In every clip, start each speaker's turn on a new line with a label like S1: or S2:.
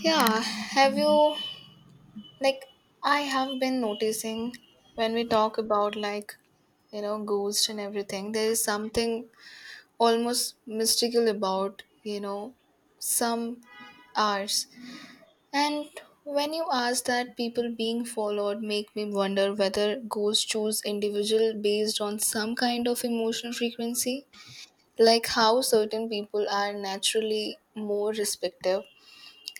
S1: Yeah, have you like I have been noticing when we talk about ghosts and everything. There is something almost mystical about, some hours, and when you ask that people being followed, make me wonder whether ghosts choose individual based on some kind of emotional frequency, like how certain people are naturally more respective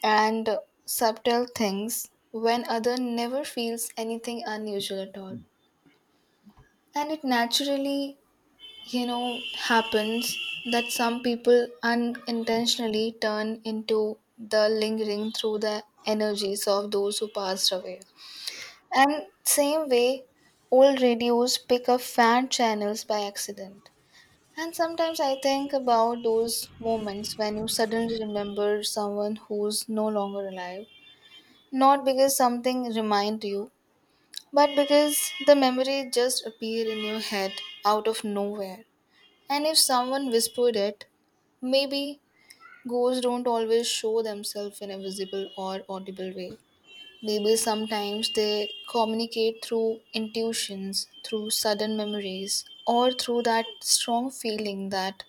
S1: and subtle things, when other never feels anything unusual at all. And it naturally, happens that some people unintentionally turn into the lingering through the energies of those who passed away. And same way, old radios pick up fan channels by accident. And sometimes I think about those moments when you suddenly remember someone who's no longer alive. Not because something remind you, but because the memory just appear in your head out of nowhere. And if someone whispered it, maybe ghosts don't always show themselves in a visible or audible way. Maybe sometimes they communicate through intuitions, through sudden memories, or through that strong feeling that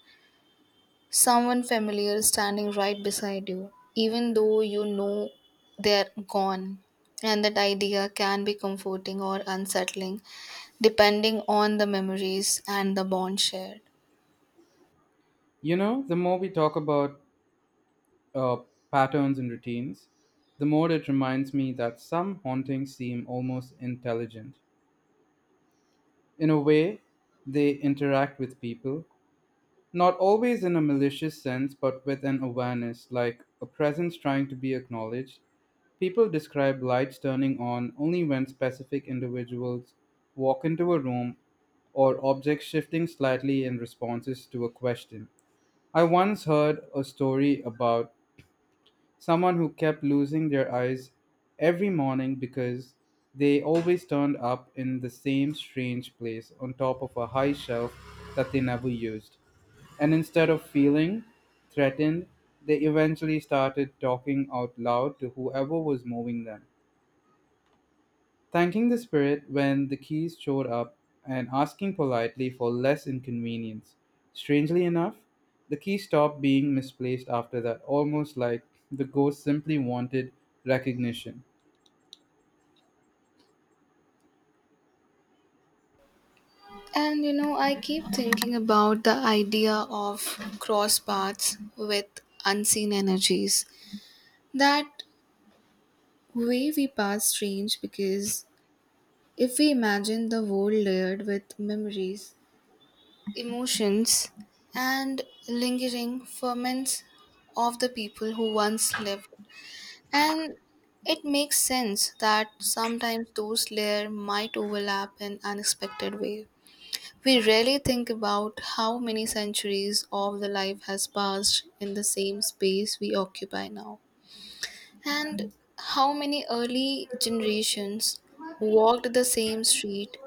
S1: someone familiar standing right beside you, even though they're gone. And that idea can be comforting or unsettling, depending on the memories and the bond shared.
S2: You know, the more we talk about uh, patterns and routines, the more it reminds me that some hauntings seem almost intelligent. In a way, they interact with people, not always in a malicious sense, but with an awareness, like a presence trying to be acknowledged. People describe lights turning on only when specific individuals walk into a room or objects shifting slightly in responses to a question. I once heard a story about someone who kept losing their eyes every morning because they always turned up in the same strange place on top of a high shelf that they never used. And instead of feeling threatened, they eventually started talking out loud to whoever was moving them. Thanking the spirit when the keys showed up and asking politely for less inconvenience. Strangely enough, the key stopped being misplaced after that, almost like the ghost simply wanted recognition.
S1: And I keep thinking about the idea of cross paths with unseen energies. That way we pass strange, because if we imagine the world layered with memories, emotions, and lingering ferments of the people who once lived. And it makes sense that sometimes those layers might overlap in unexpected ways. We rarely think about how many centuries of the life has passed in the same space we occupy now. And how many early generations walked the same street,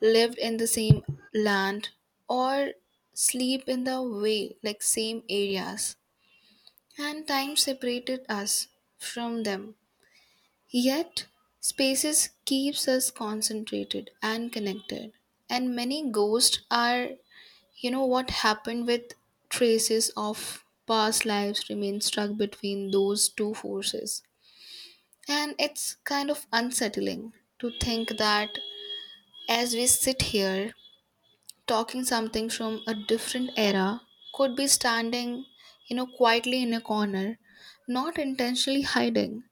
S1: lived in the same land, or sleep in the way, like same areas? And time separated us from them. Yet, spaces keeps us concentrated and connected. And many ghosts are, what happened with traces of past lives remain stuck between those two forces. And it's kind of unsettling to think that, as we sit here talking, something from a different era could be standing, quietly in a corner, not intentionally hiding,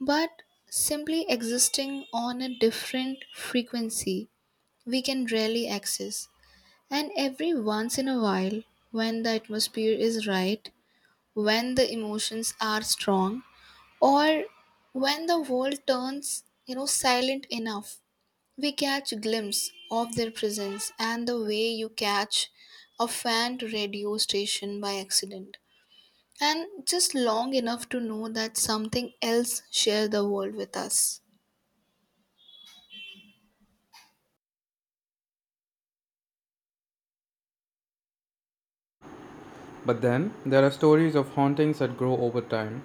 S1: but simply existing on a different frequency we can rarely access. And every once in a while, when the atmosphere is right, when the emotions are strong, or when the world turns silent enough, we catch a glimpse of their presence, and the way you catch a faint radio station by accident and just long enough to know that something else share the world with us.
S2: But then, there are stories of hauntings that grow over time,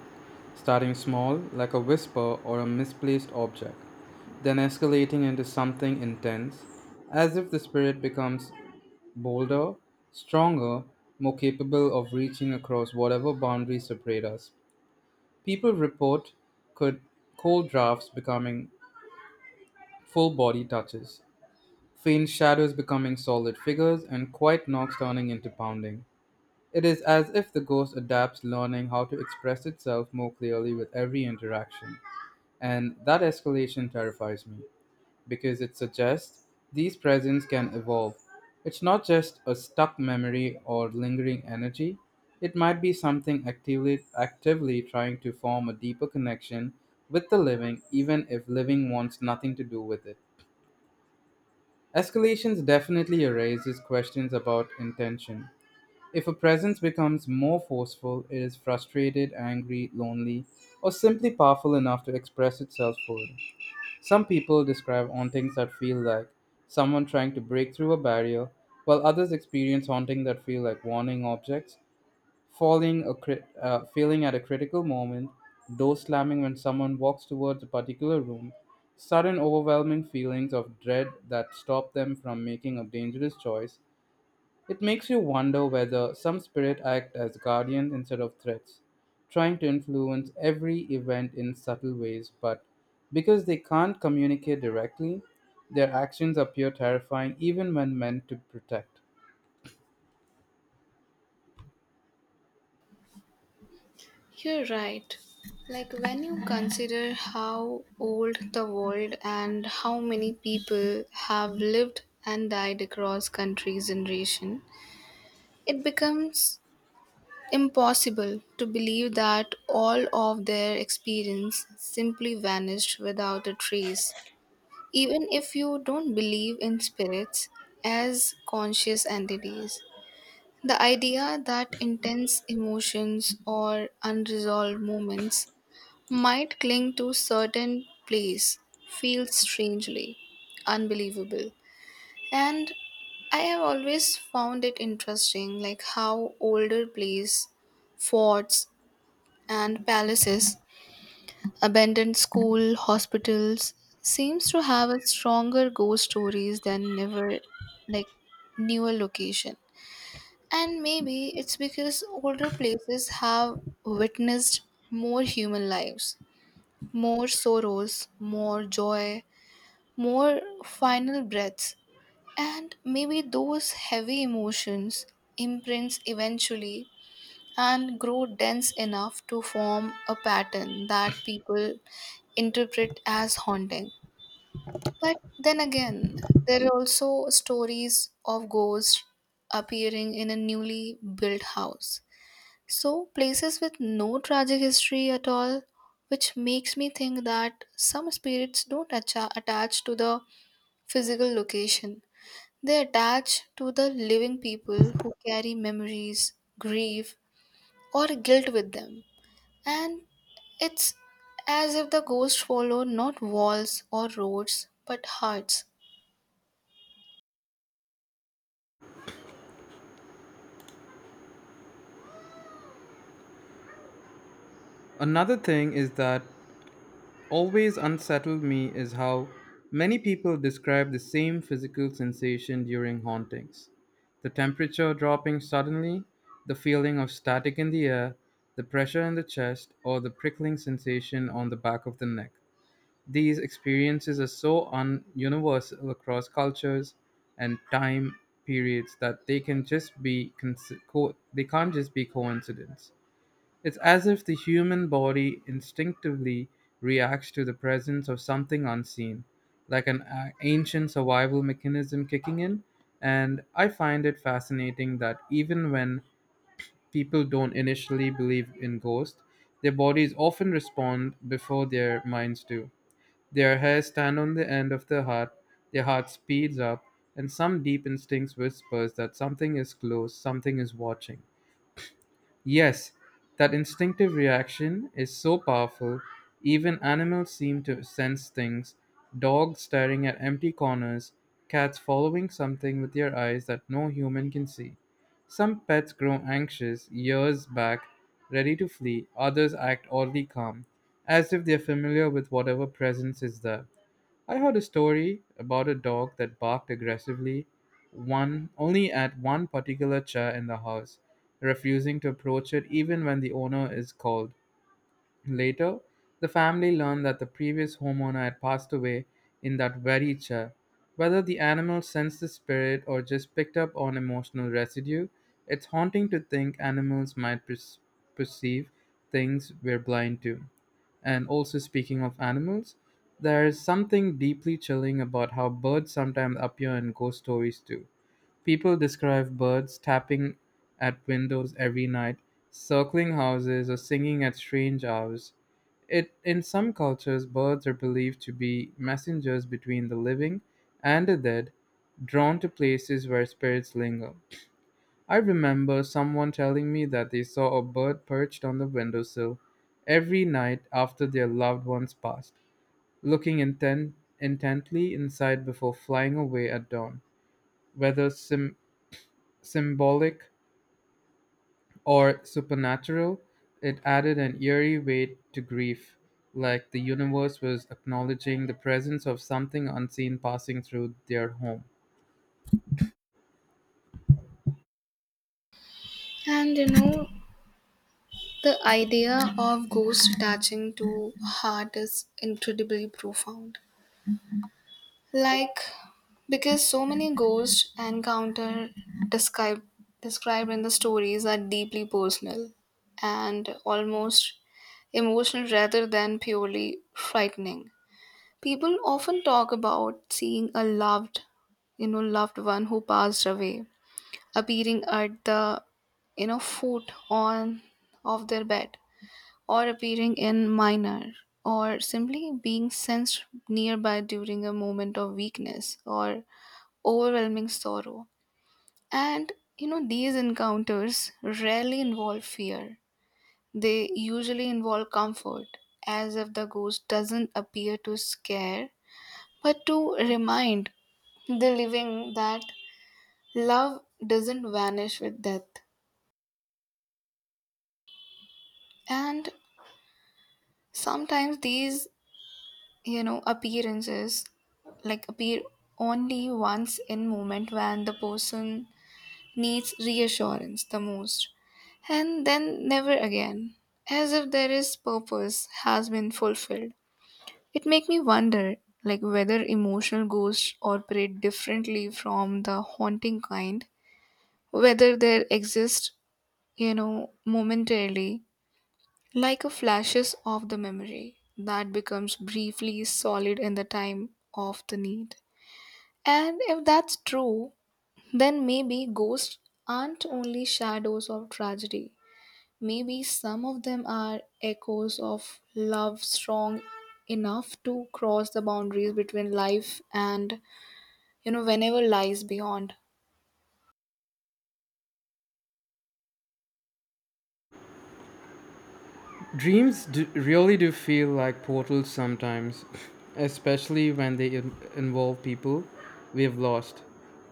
S2: starting small, like a whisper or a misplaced object, then escalating into something intense, as if the spirit becomes bolder, stronger, more capable of reaching across whatever boundaries separate us. People report could cold drafts becoming full body touches, faint shadows becoming solid figures, and quiet knocks turning into pounding. It is as if the ghost adapts, learning how to express itself more clearly with every interaction. And that escalation terrifies me, because it suggests these presents can evolve. It's not just a stuck memory or lingering energy, it might be something actively trying to form a deeper connection with the living, even if living wants nothing to do with it. Escalations definitely raises questions about intention. If a presence becomes more forceful, it is frustrated, angry, lonely, or simply powerful enough to express itself fully. Some people describe hauntings that feel like someone trying to break through a barrier, while others experience haunting that feel like warning objects, failing at a critical moment, door slamming when someone walks towards a particular room, sudden overwhelming feelings of dread that stop them from making a dangerous choice. It makes you wonder whether some spirit act as guardians instead of threats, trying to influence every event in subtle ways, but because they can't communicate directly, their actions appear terrifying even when meant to protect.
S1: You're right. Like, when you consider how old the world and how many people have lived and died across countries and region, it becomes impossible to believe that all of their experience simply vanished without a trace, even if you don't believe in spirits as conscious entities. The idea that intense emotions or unresolved moments might cling to certain place feels strangely unbelievable. And I have always found it interesting, like how older plays, forts, and palaces, abandoned school, hospitals seems to have a stronger ghost stories than never, like newer location. And maybe it's because older places have witnessed more human lives, more sorrows, more joy, more final breaths. And maybe those heavy emotions imprints eventually and grow dense enough to form a pattern that people interpret as haunting. But then again, there are also stories of ghosts appearing in a newly built house. So, places with no tragic history at all, which makes me think that some spirits don't attach to the physical location. They attach to the living people who carry memories, grief, or guilt with them. And it's as if the ghosts follow not walls or roads, but hearts.
S2: Another thing is that always unsettled me is how many people describe the same physical sensation during hauntings: the temperature dropping suddenly, the feeling of static in the air, the pressure in the chest, or the prickling sensation on the back of the neck. These experiences are so universal across cultures and time periods that they can just be cons- co- they can't just be coincidence. It's as if the human body instinctively reacts to the presence of something unseen, like an ancient survival mechanism kicking in. And I find it fascinating that even when people don't initially believe in ghosts, their bodies often respond before their minds do. Their hairs stand on the end of their heart speeds up, and some deep instincts whispers that something is close, something is watching. Yes, that instinctive reaction is so powerful, even animals seem to sense things: dogs staring at empty corners, cats following something with their eyes that no human can see. Some pets grow anxious years back, ready to flee, others act oddly calm, as if they're familiar with whatever presence is there. I heard a story about a dog that barked aggressively one only at one particular chair in the house, refusing to approach it even when the owner is called. Later, the family learned that the previous homeowner had passed away in that very chair. Whether the animal sensed the spirit or just picked up on emotional residue, it's haunting to think animals might perceive things we're blind to. And also, speaking of animals, there is something deeply chilling about how birds sometimes appear in ghost stories too. People describe birds tapping at windows every night, circling houses, or singing at strange hours. It, in some cultures, birds are believed to be messengers between the living and the dead, drawn to places where spirits linger. I remember someone telling me that they saw a bird perched on the windowsill every night after their loved ones passed, looking intently inside before flying away at dawn. Whether symbolic or supernatural, it added an eerie weight to grief, like the universe was acknowledging the presence of something unseen passing through their home.
S1: And the idea of ghosts attaching to heart is incredibly profound. Like, because so many ghost encounter describe, described in the stories are deeply personal and almost emotional rather than purely frightening. People often talk about seeing a loved one who passed away appearing at foot on of their bed, or appearing in minor, or simply being sensed nearby during a moment of weakness or overwhelming sorrow. And these encounters rarely involve fear. They usually involve comfort, as if the ghost doesn't appear to scare but to remind the living that love doesn't vanish with death. And sometimes these appearances like appear only once in moment when the person needs reassurance the most, and then never again, as if there is purpose has been fulfilled. It make me wonder, like whether emotional ghosts operate differently from the haunting kind, whether there exist, momentarily, like a flashes of the memory that becomes briefly solid in the time of the need. And if that's true, then maybe ghosts aren't only shadows of tragedy. Maybe some of them are echoes of love strong enough to cross the boundaries between life and, whenever lies beyond.
S2: Dreams really do feel like portals sometimes, especially when they involve people we have lost.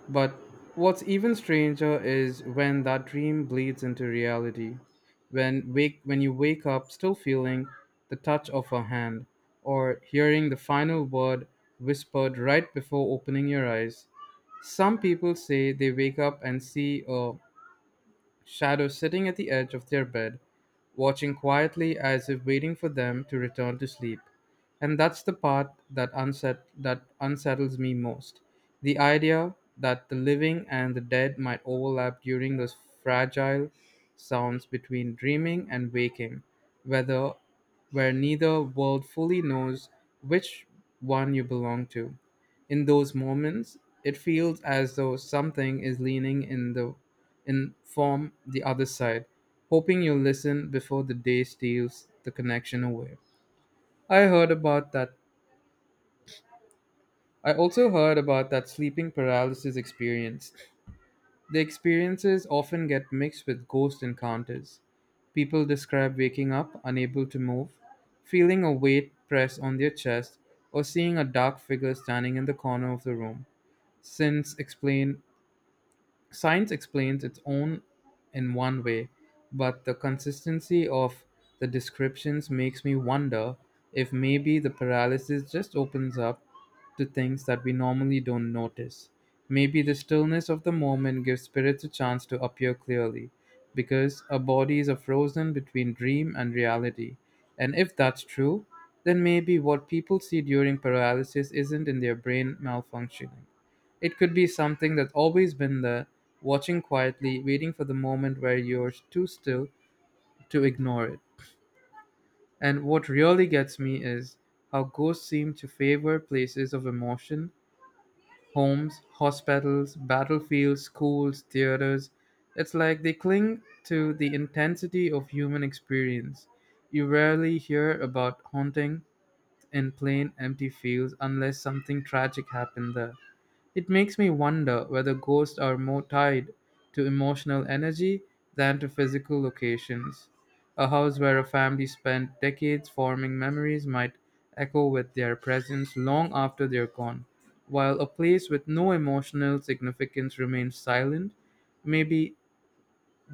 S2: But what's even stranger is when that dream bleeds into reality. When you wake up still feeling the touch of a hand or hearing the final word whispered right before opening your eyes. Some people say they wake up and see a shadows sitting at the edge of their bed, watching quietly as if waiting for them to return to sleep. And that's the part that unsettles me most. The idea that the living and the dead might overlap during those fragile sounds between dreaming and waking, whether where neither world fully knows which one you belong to. In those moments, it feels as though something is leaning in the inform the other side, hoping you'll listen before the day steals the connection away. I heard about that. I also heard about that sleeping paralysis experience. The experiences often get mixed with ghost encounters. People describe waking up unable to move, feeling a weight press on their chest, or seeing a dark figure standing in the corner of the room. Since explain Science explains its own in one way, but the consistency of the descriptions makes me wonder if maybe the paralysis just opens up to things that we normally don't notice. Maybe the stillness of the moment gives spirits a chance to appear clearly, because our bodies are frozen between dream and reality. And if that's true, then maybe what people see during paralysis isn't in their brain malfunctioning. It could be something that's always been there, watching quietly, waiting for the moment where you're too still to ignore it. And what really gets me is how ghosts seem to favor places of emotion: homes, hospitals, battlefields, schools, theaters. It's like they cling to the intensity of human experience. You rarely hear about haunting in plain empty fields unless something tragic happened there. It makes me wonder whether ghosts are more tied to emotional energy than to physical locations. A house where a family spent decades forming memories might echo with their presence long after they're gone, while a place with no emotional significance remains silent. Maybe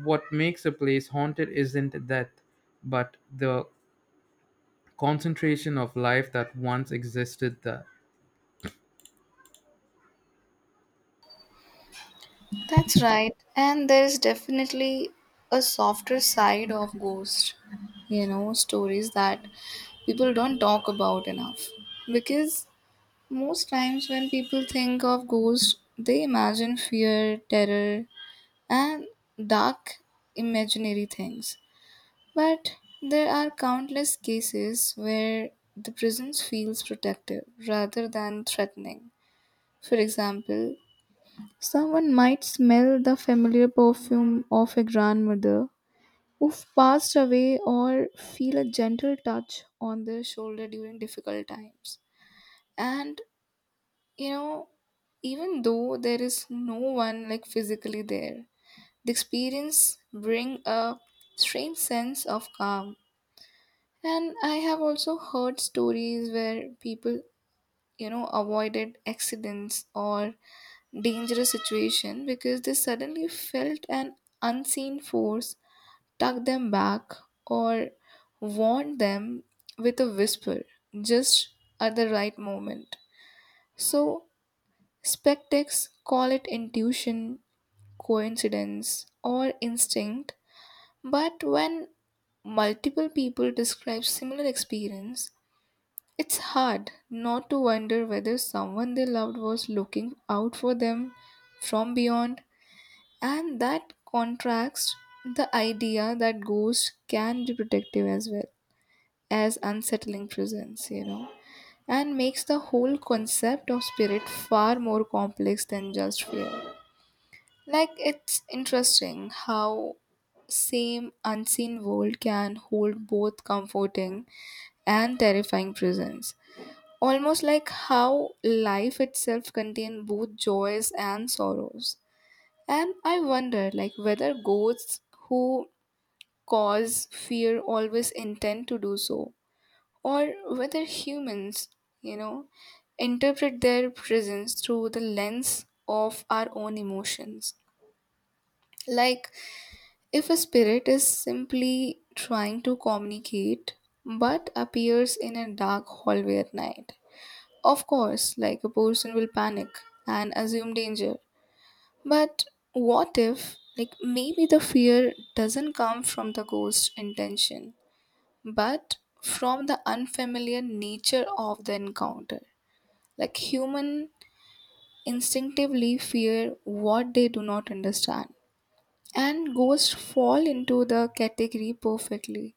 S2: what makes a place haunted isn't death, but the concentration of life that once existed there.
S1: That's right. And there is definitely a softer side of ghost stories that people don't talk about enough. Because most times when people think of ghosts, they imagine fear, terror, and dark imaginary things. But there are countless cases where the presence feels protective rather than threatening. For example, someone might smell the familiar perfume of a grandmother who've passed away, or feel a gentle touch on their shoulder during difficult times. And you know, even though there is no one like physically there, the experience bring a strange sense of calm. And I have also heard stories where people, avoided accidents or dangerous situation because they suddenly felt an unseen force tug them back, or warn them with a whisper just at the right moment. So, spectex call it intuition, coincidence, or instinct, but when multiple people describe similar experience, it's hard not to wonder whether someone they loved was looking out for them from beyond. And that contrasts the idea that ghosts can be protective as well as unsettling presence, and makes the whole concept of spirit far more complex than just fear. Like, it's interesting how same unseen world can hold both comforting and terrifying presence. Almost like how life itself contains both joys and sorrows. And I wonder, like whether ghosts who cause fear always intend to do so, or whether humans, you know, interpret their presence through the lens of our own emotions. Like, if a spirit is simply trying to communicate but appears in a dark hallway at night. Of course, like a person will panic and assume danger. But what if, like, maybe the fear doesn't come from the ghost's intention, but from the unfamiliar nature of the encounter? Like, human instinctively fear what they do not understand, and ghosts fall into the category perfectly.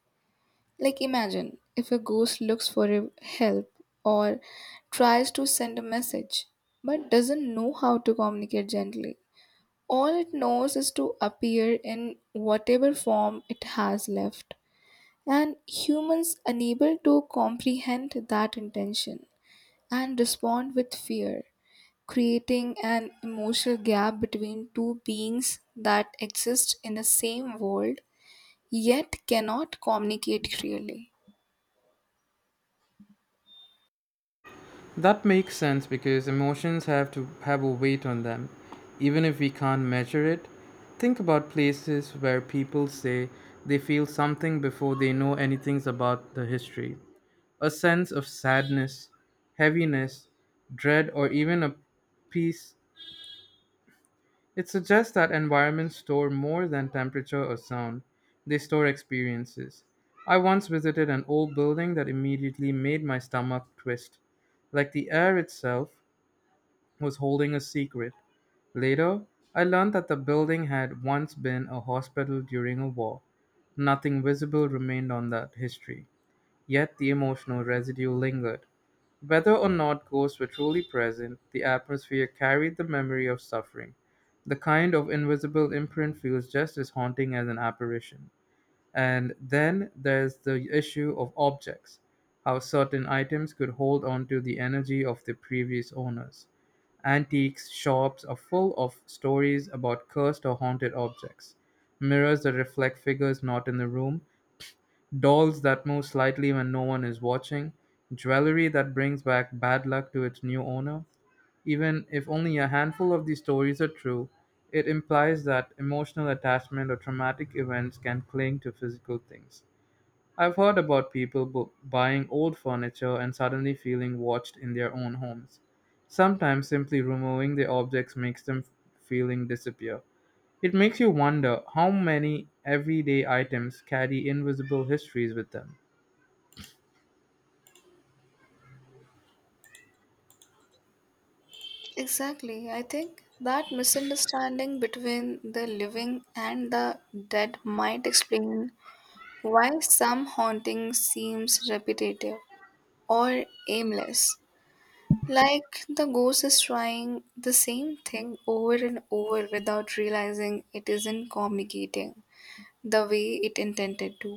S1: Like, imagine if a ghost looks for help, or tries to send a message but doesn't know how to communicate gently. All it knows is to appear in whatever form it has left, and humans unable to comprehend that intention and respond with fear, creating an emotional gap between two beings that exist in the same world yet cannot communicate clearly.
S2: That makes sense because emotions have to have a weight on them, even if we can't measure it. Think about places where people say they feel something before they know anything about the history. A sense of sadness, heaviness, dread, or even a peace. It suggests that environments store more than temperature or sound, they store experiences. I once visited an old building that immediately made my stomach twist, like the air itself was holding a secret. Later, I learned that the building had once been a hospital during a war. Nothing visible remained on that history, yet the emotional residue lingered. Whether or not ghosts were truly present, the atmosphere carried the memory of suffering. The kind of invisible imprint feels just as haunting as an apparition. And then there's the issue of objects, how certain items could hold on to the energy of the previous owners. Antiques shops are full of stories about cursed or haunted objects, mirrors that reflect figures not in the room, dolls that move slightly when no one is watching, jewelry that brings back bad luck to its new owner. Even if only a handful of these stories are true, it implies that emotional attachment or traumatic events can cling to physical things. I've heard about people buying old furniture and suddenly feeling watched in their own homes. Sometimes simply removing the objects makes them feeling disappear. It makes you wonder how many everyday items carry invisible histories with them.
S1: Exactly. I think that misunderstanding between the living and the dead might explain why some haunting seems repetitive or aimless, like the ghost is trying the same thing over and over without realizing it isn't communicating the way it intended to.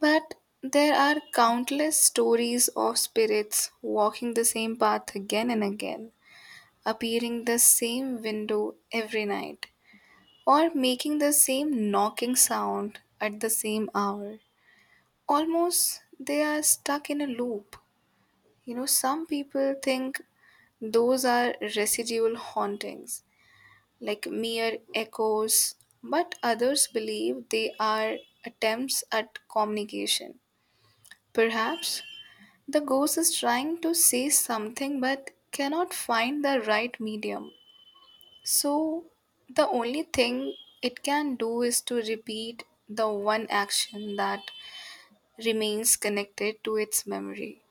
S1: But there are countless stories of spirits walking the same path again and again, appearing the same window every night, or making the same knocking sound at the same hour, almost they are stuck in a loop. You know, some people think those are residual hauntings, like mere echoes, but others believe they are attempts at communication. Perhaps the ghost is trying to say something but cannot find the right medium. So, the only thing it can do is to repeat the one action that remains connected to its memory.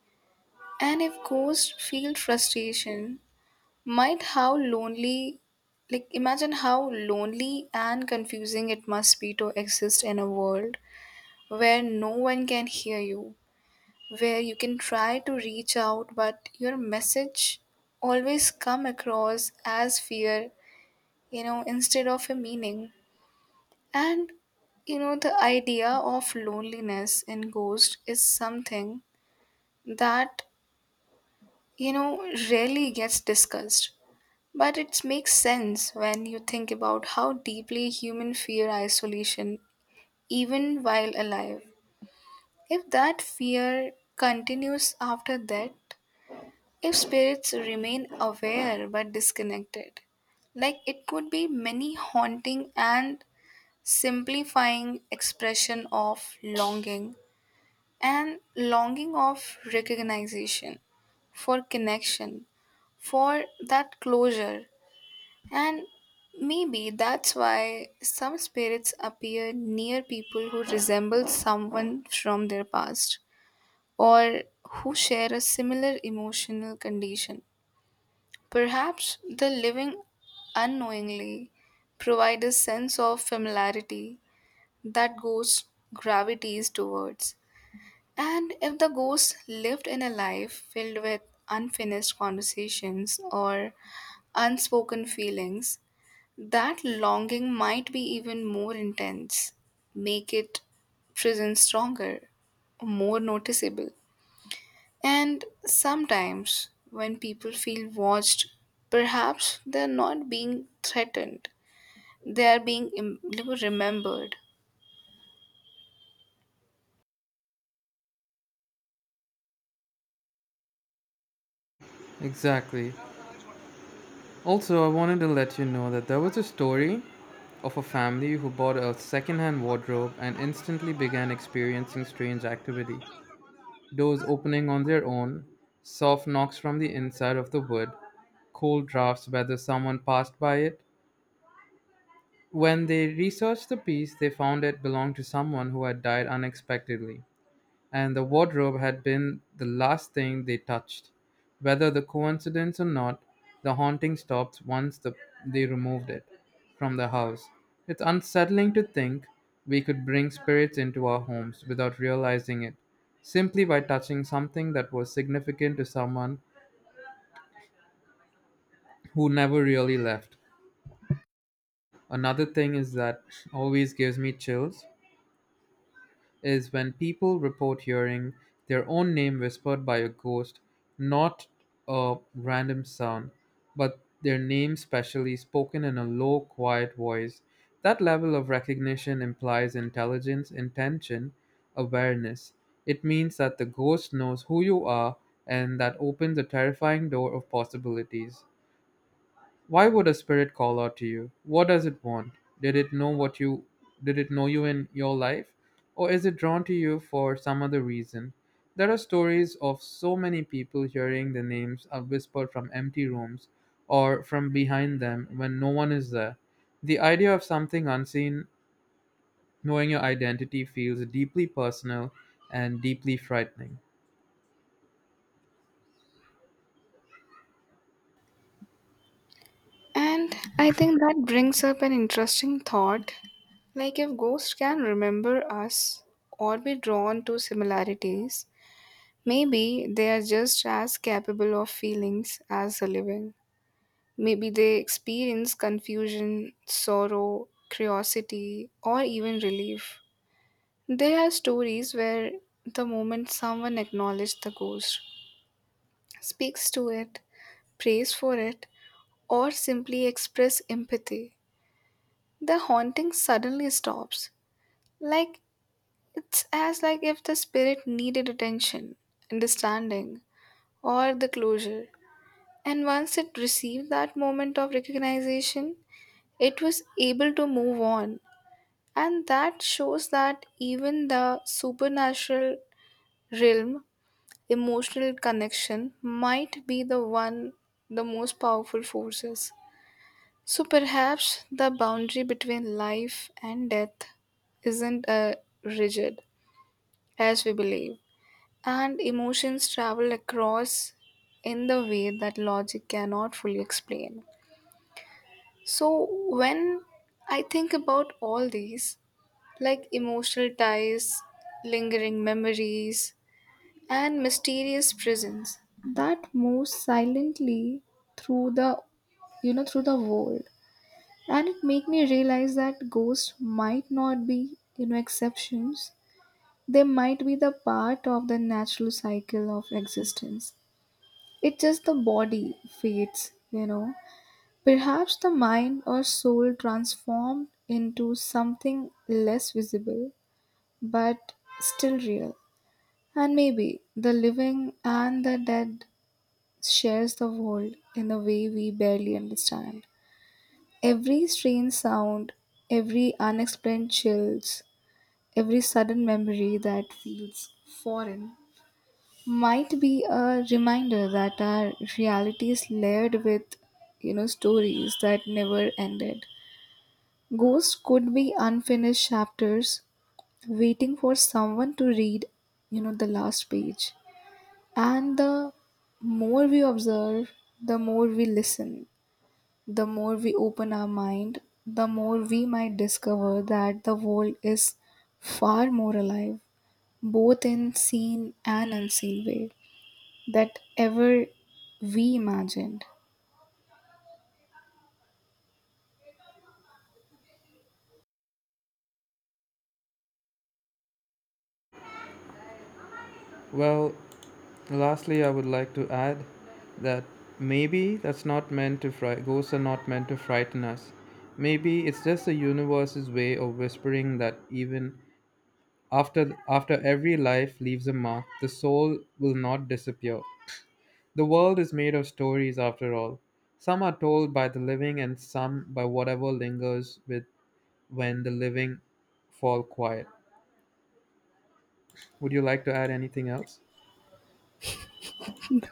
S1: And if ghosts feel frustration, might how lonely, like imagine how lonely and confusing it must be to exist in a world where no one can hear you, where you can try to reach out, but your message always come across as fear, instead of a meaning. And the idea of loneliness in ghost is something that you know rarely gets discussed. But it makes sense when you think about how deeply human fear isolation even while alive. If that fear continues after death, if spirits remain aware but disconnected, like it could be many haunting and simplifying expression of longing, and longing of recognition, for connection, for that closure. And maybe that's why some spirits appear near people who resemble someone from their past, or who share a similar emotional condition. Perhaps the living unknowingly provide a sense of familiarity that ghosts gravitates towards. And if the ghost lived in a life filled with unfinished conversations or unspoken feelings, that longing might be even more intense, make it present stronger, more noticeable. And sometimes, when people feel watched, perhaps they're not being threatened, they are being remembered.
S2: Exactly. Also, I wanted to let you know that there was a story of a family who bought a secondhand wardrobe and instantly began experiencing strange activity. Doors opening on their own, soft knocks from the inside of the wood, cold drafts whether someone passed by it. When they researched the piece, they found it belonged to someone who had died unexpectedly, and the wardrobe had been the last thing they touched. Whether the coincidence or not, the haunting stopped they removed it from the house. It's unsettling to think we could bring spirits into our homes without realizing it, simply by touching something that was significant to someone who never really left. Another thing is that always gives me chills is when people report hearing their own name whispered by a ghost, not a random sound, but their name specially spoken in a low, quiet voice. That level of recognition implies intelligence, intention, awareness. It means that the ghost knows who you are, and that opens a terrifying door of possibilities. Why would a spirit call out to you? What does it want? Did it know what you did it know you in your life? Or is it drawn to you for some other reason? There are stories of so many people hearing the names are whispered from empty rooms or from behind them when no one is there. The idea of something unseen knowing your identity feels deeply personal and deeply frightening.
S1: And I think that brings up an interesting thought. Like, if ghosts can remember us or be drawn to similarities, maybe they are just as capable of feelings as the living. Maybe they experience confusion, sorrow, curiosity, or even relief. There are stories where the moment someone acknowledges the ghost, speaks to it, prays for it, or simply express empathy, the haunting suddenly stops. Like, it's as like if the spirit needed attention, understanding, or the closure. And once it received that moment of recognition, it was able to move on. And that shows that even the supernatural realm, emotional connection, might be the one, the most powerful forces. So perhaps the boundary between life and death isn't rigid as we believe, and emotions travel across in the way that logic cannot fully explain. So, when I think about all these, like emotional ties, lingering memories, and mysterious prisons that move silently through the you know through the world, and it make me realize that ghosts might not be, exceptions. They might be the part of the natural cycle of existence. It's just the body fades. Perhaps the mind or soul transformed into something less visible, but still real. And maybe the living and the dead shares the world in a way we barely understand. Every strange sound, every unexplained chills, every sudden memory that feels foreign might be a reminder that our reality is layered with stories that never ended. Ghosts could be unfinished chapters waiting for someone to read, the last page. And the more we observe, the more we listen, the more we open our mind, the more we might discover that the world is far more alive, both in seen and unseen way, that ever we imagined.
S2: Well, lastly, I would like to add that maybe that's not meant to fright. Ghosts are not meant to frighten us. Maybe it's just the universe's way of whispering that even after every life leaves a mark, the soul will not disappear. The world is made of stories, after all. Some are told by the living, and some by whatever lingers with when the living fall quiet. Would you like to add anything else?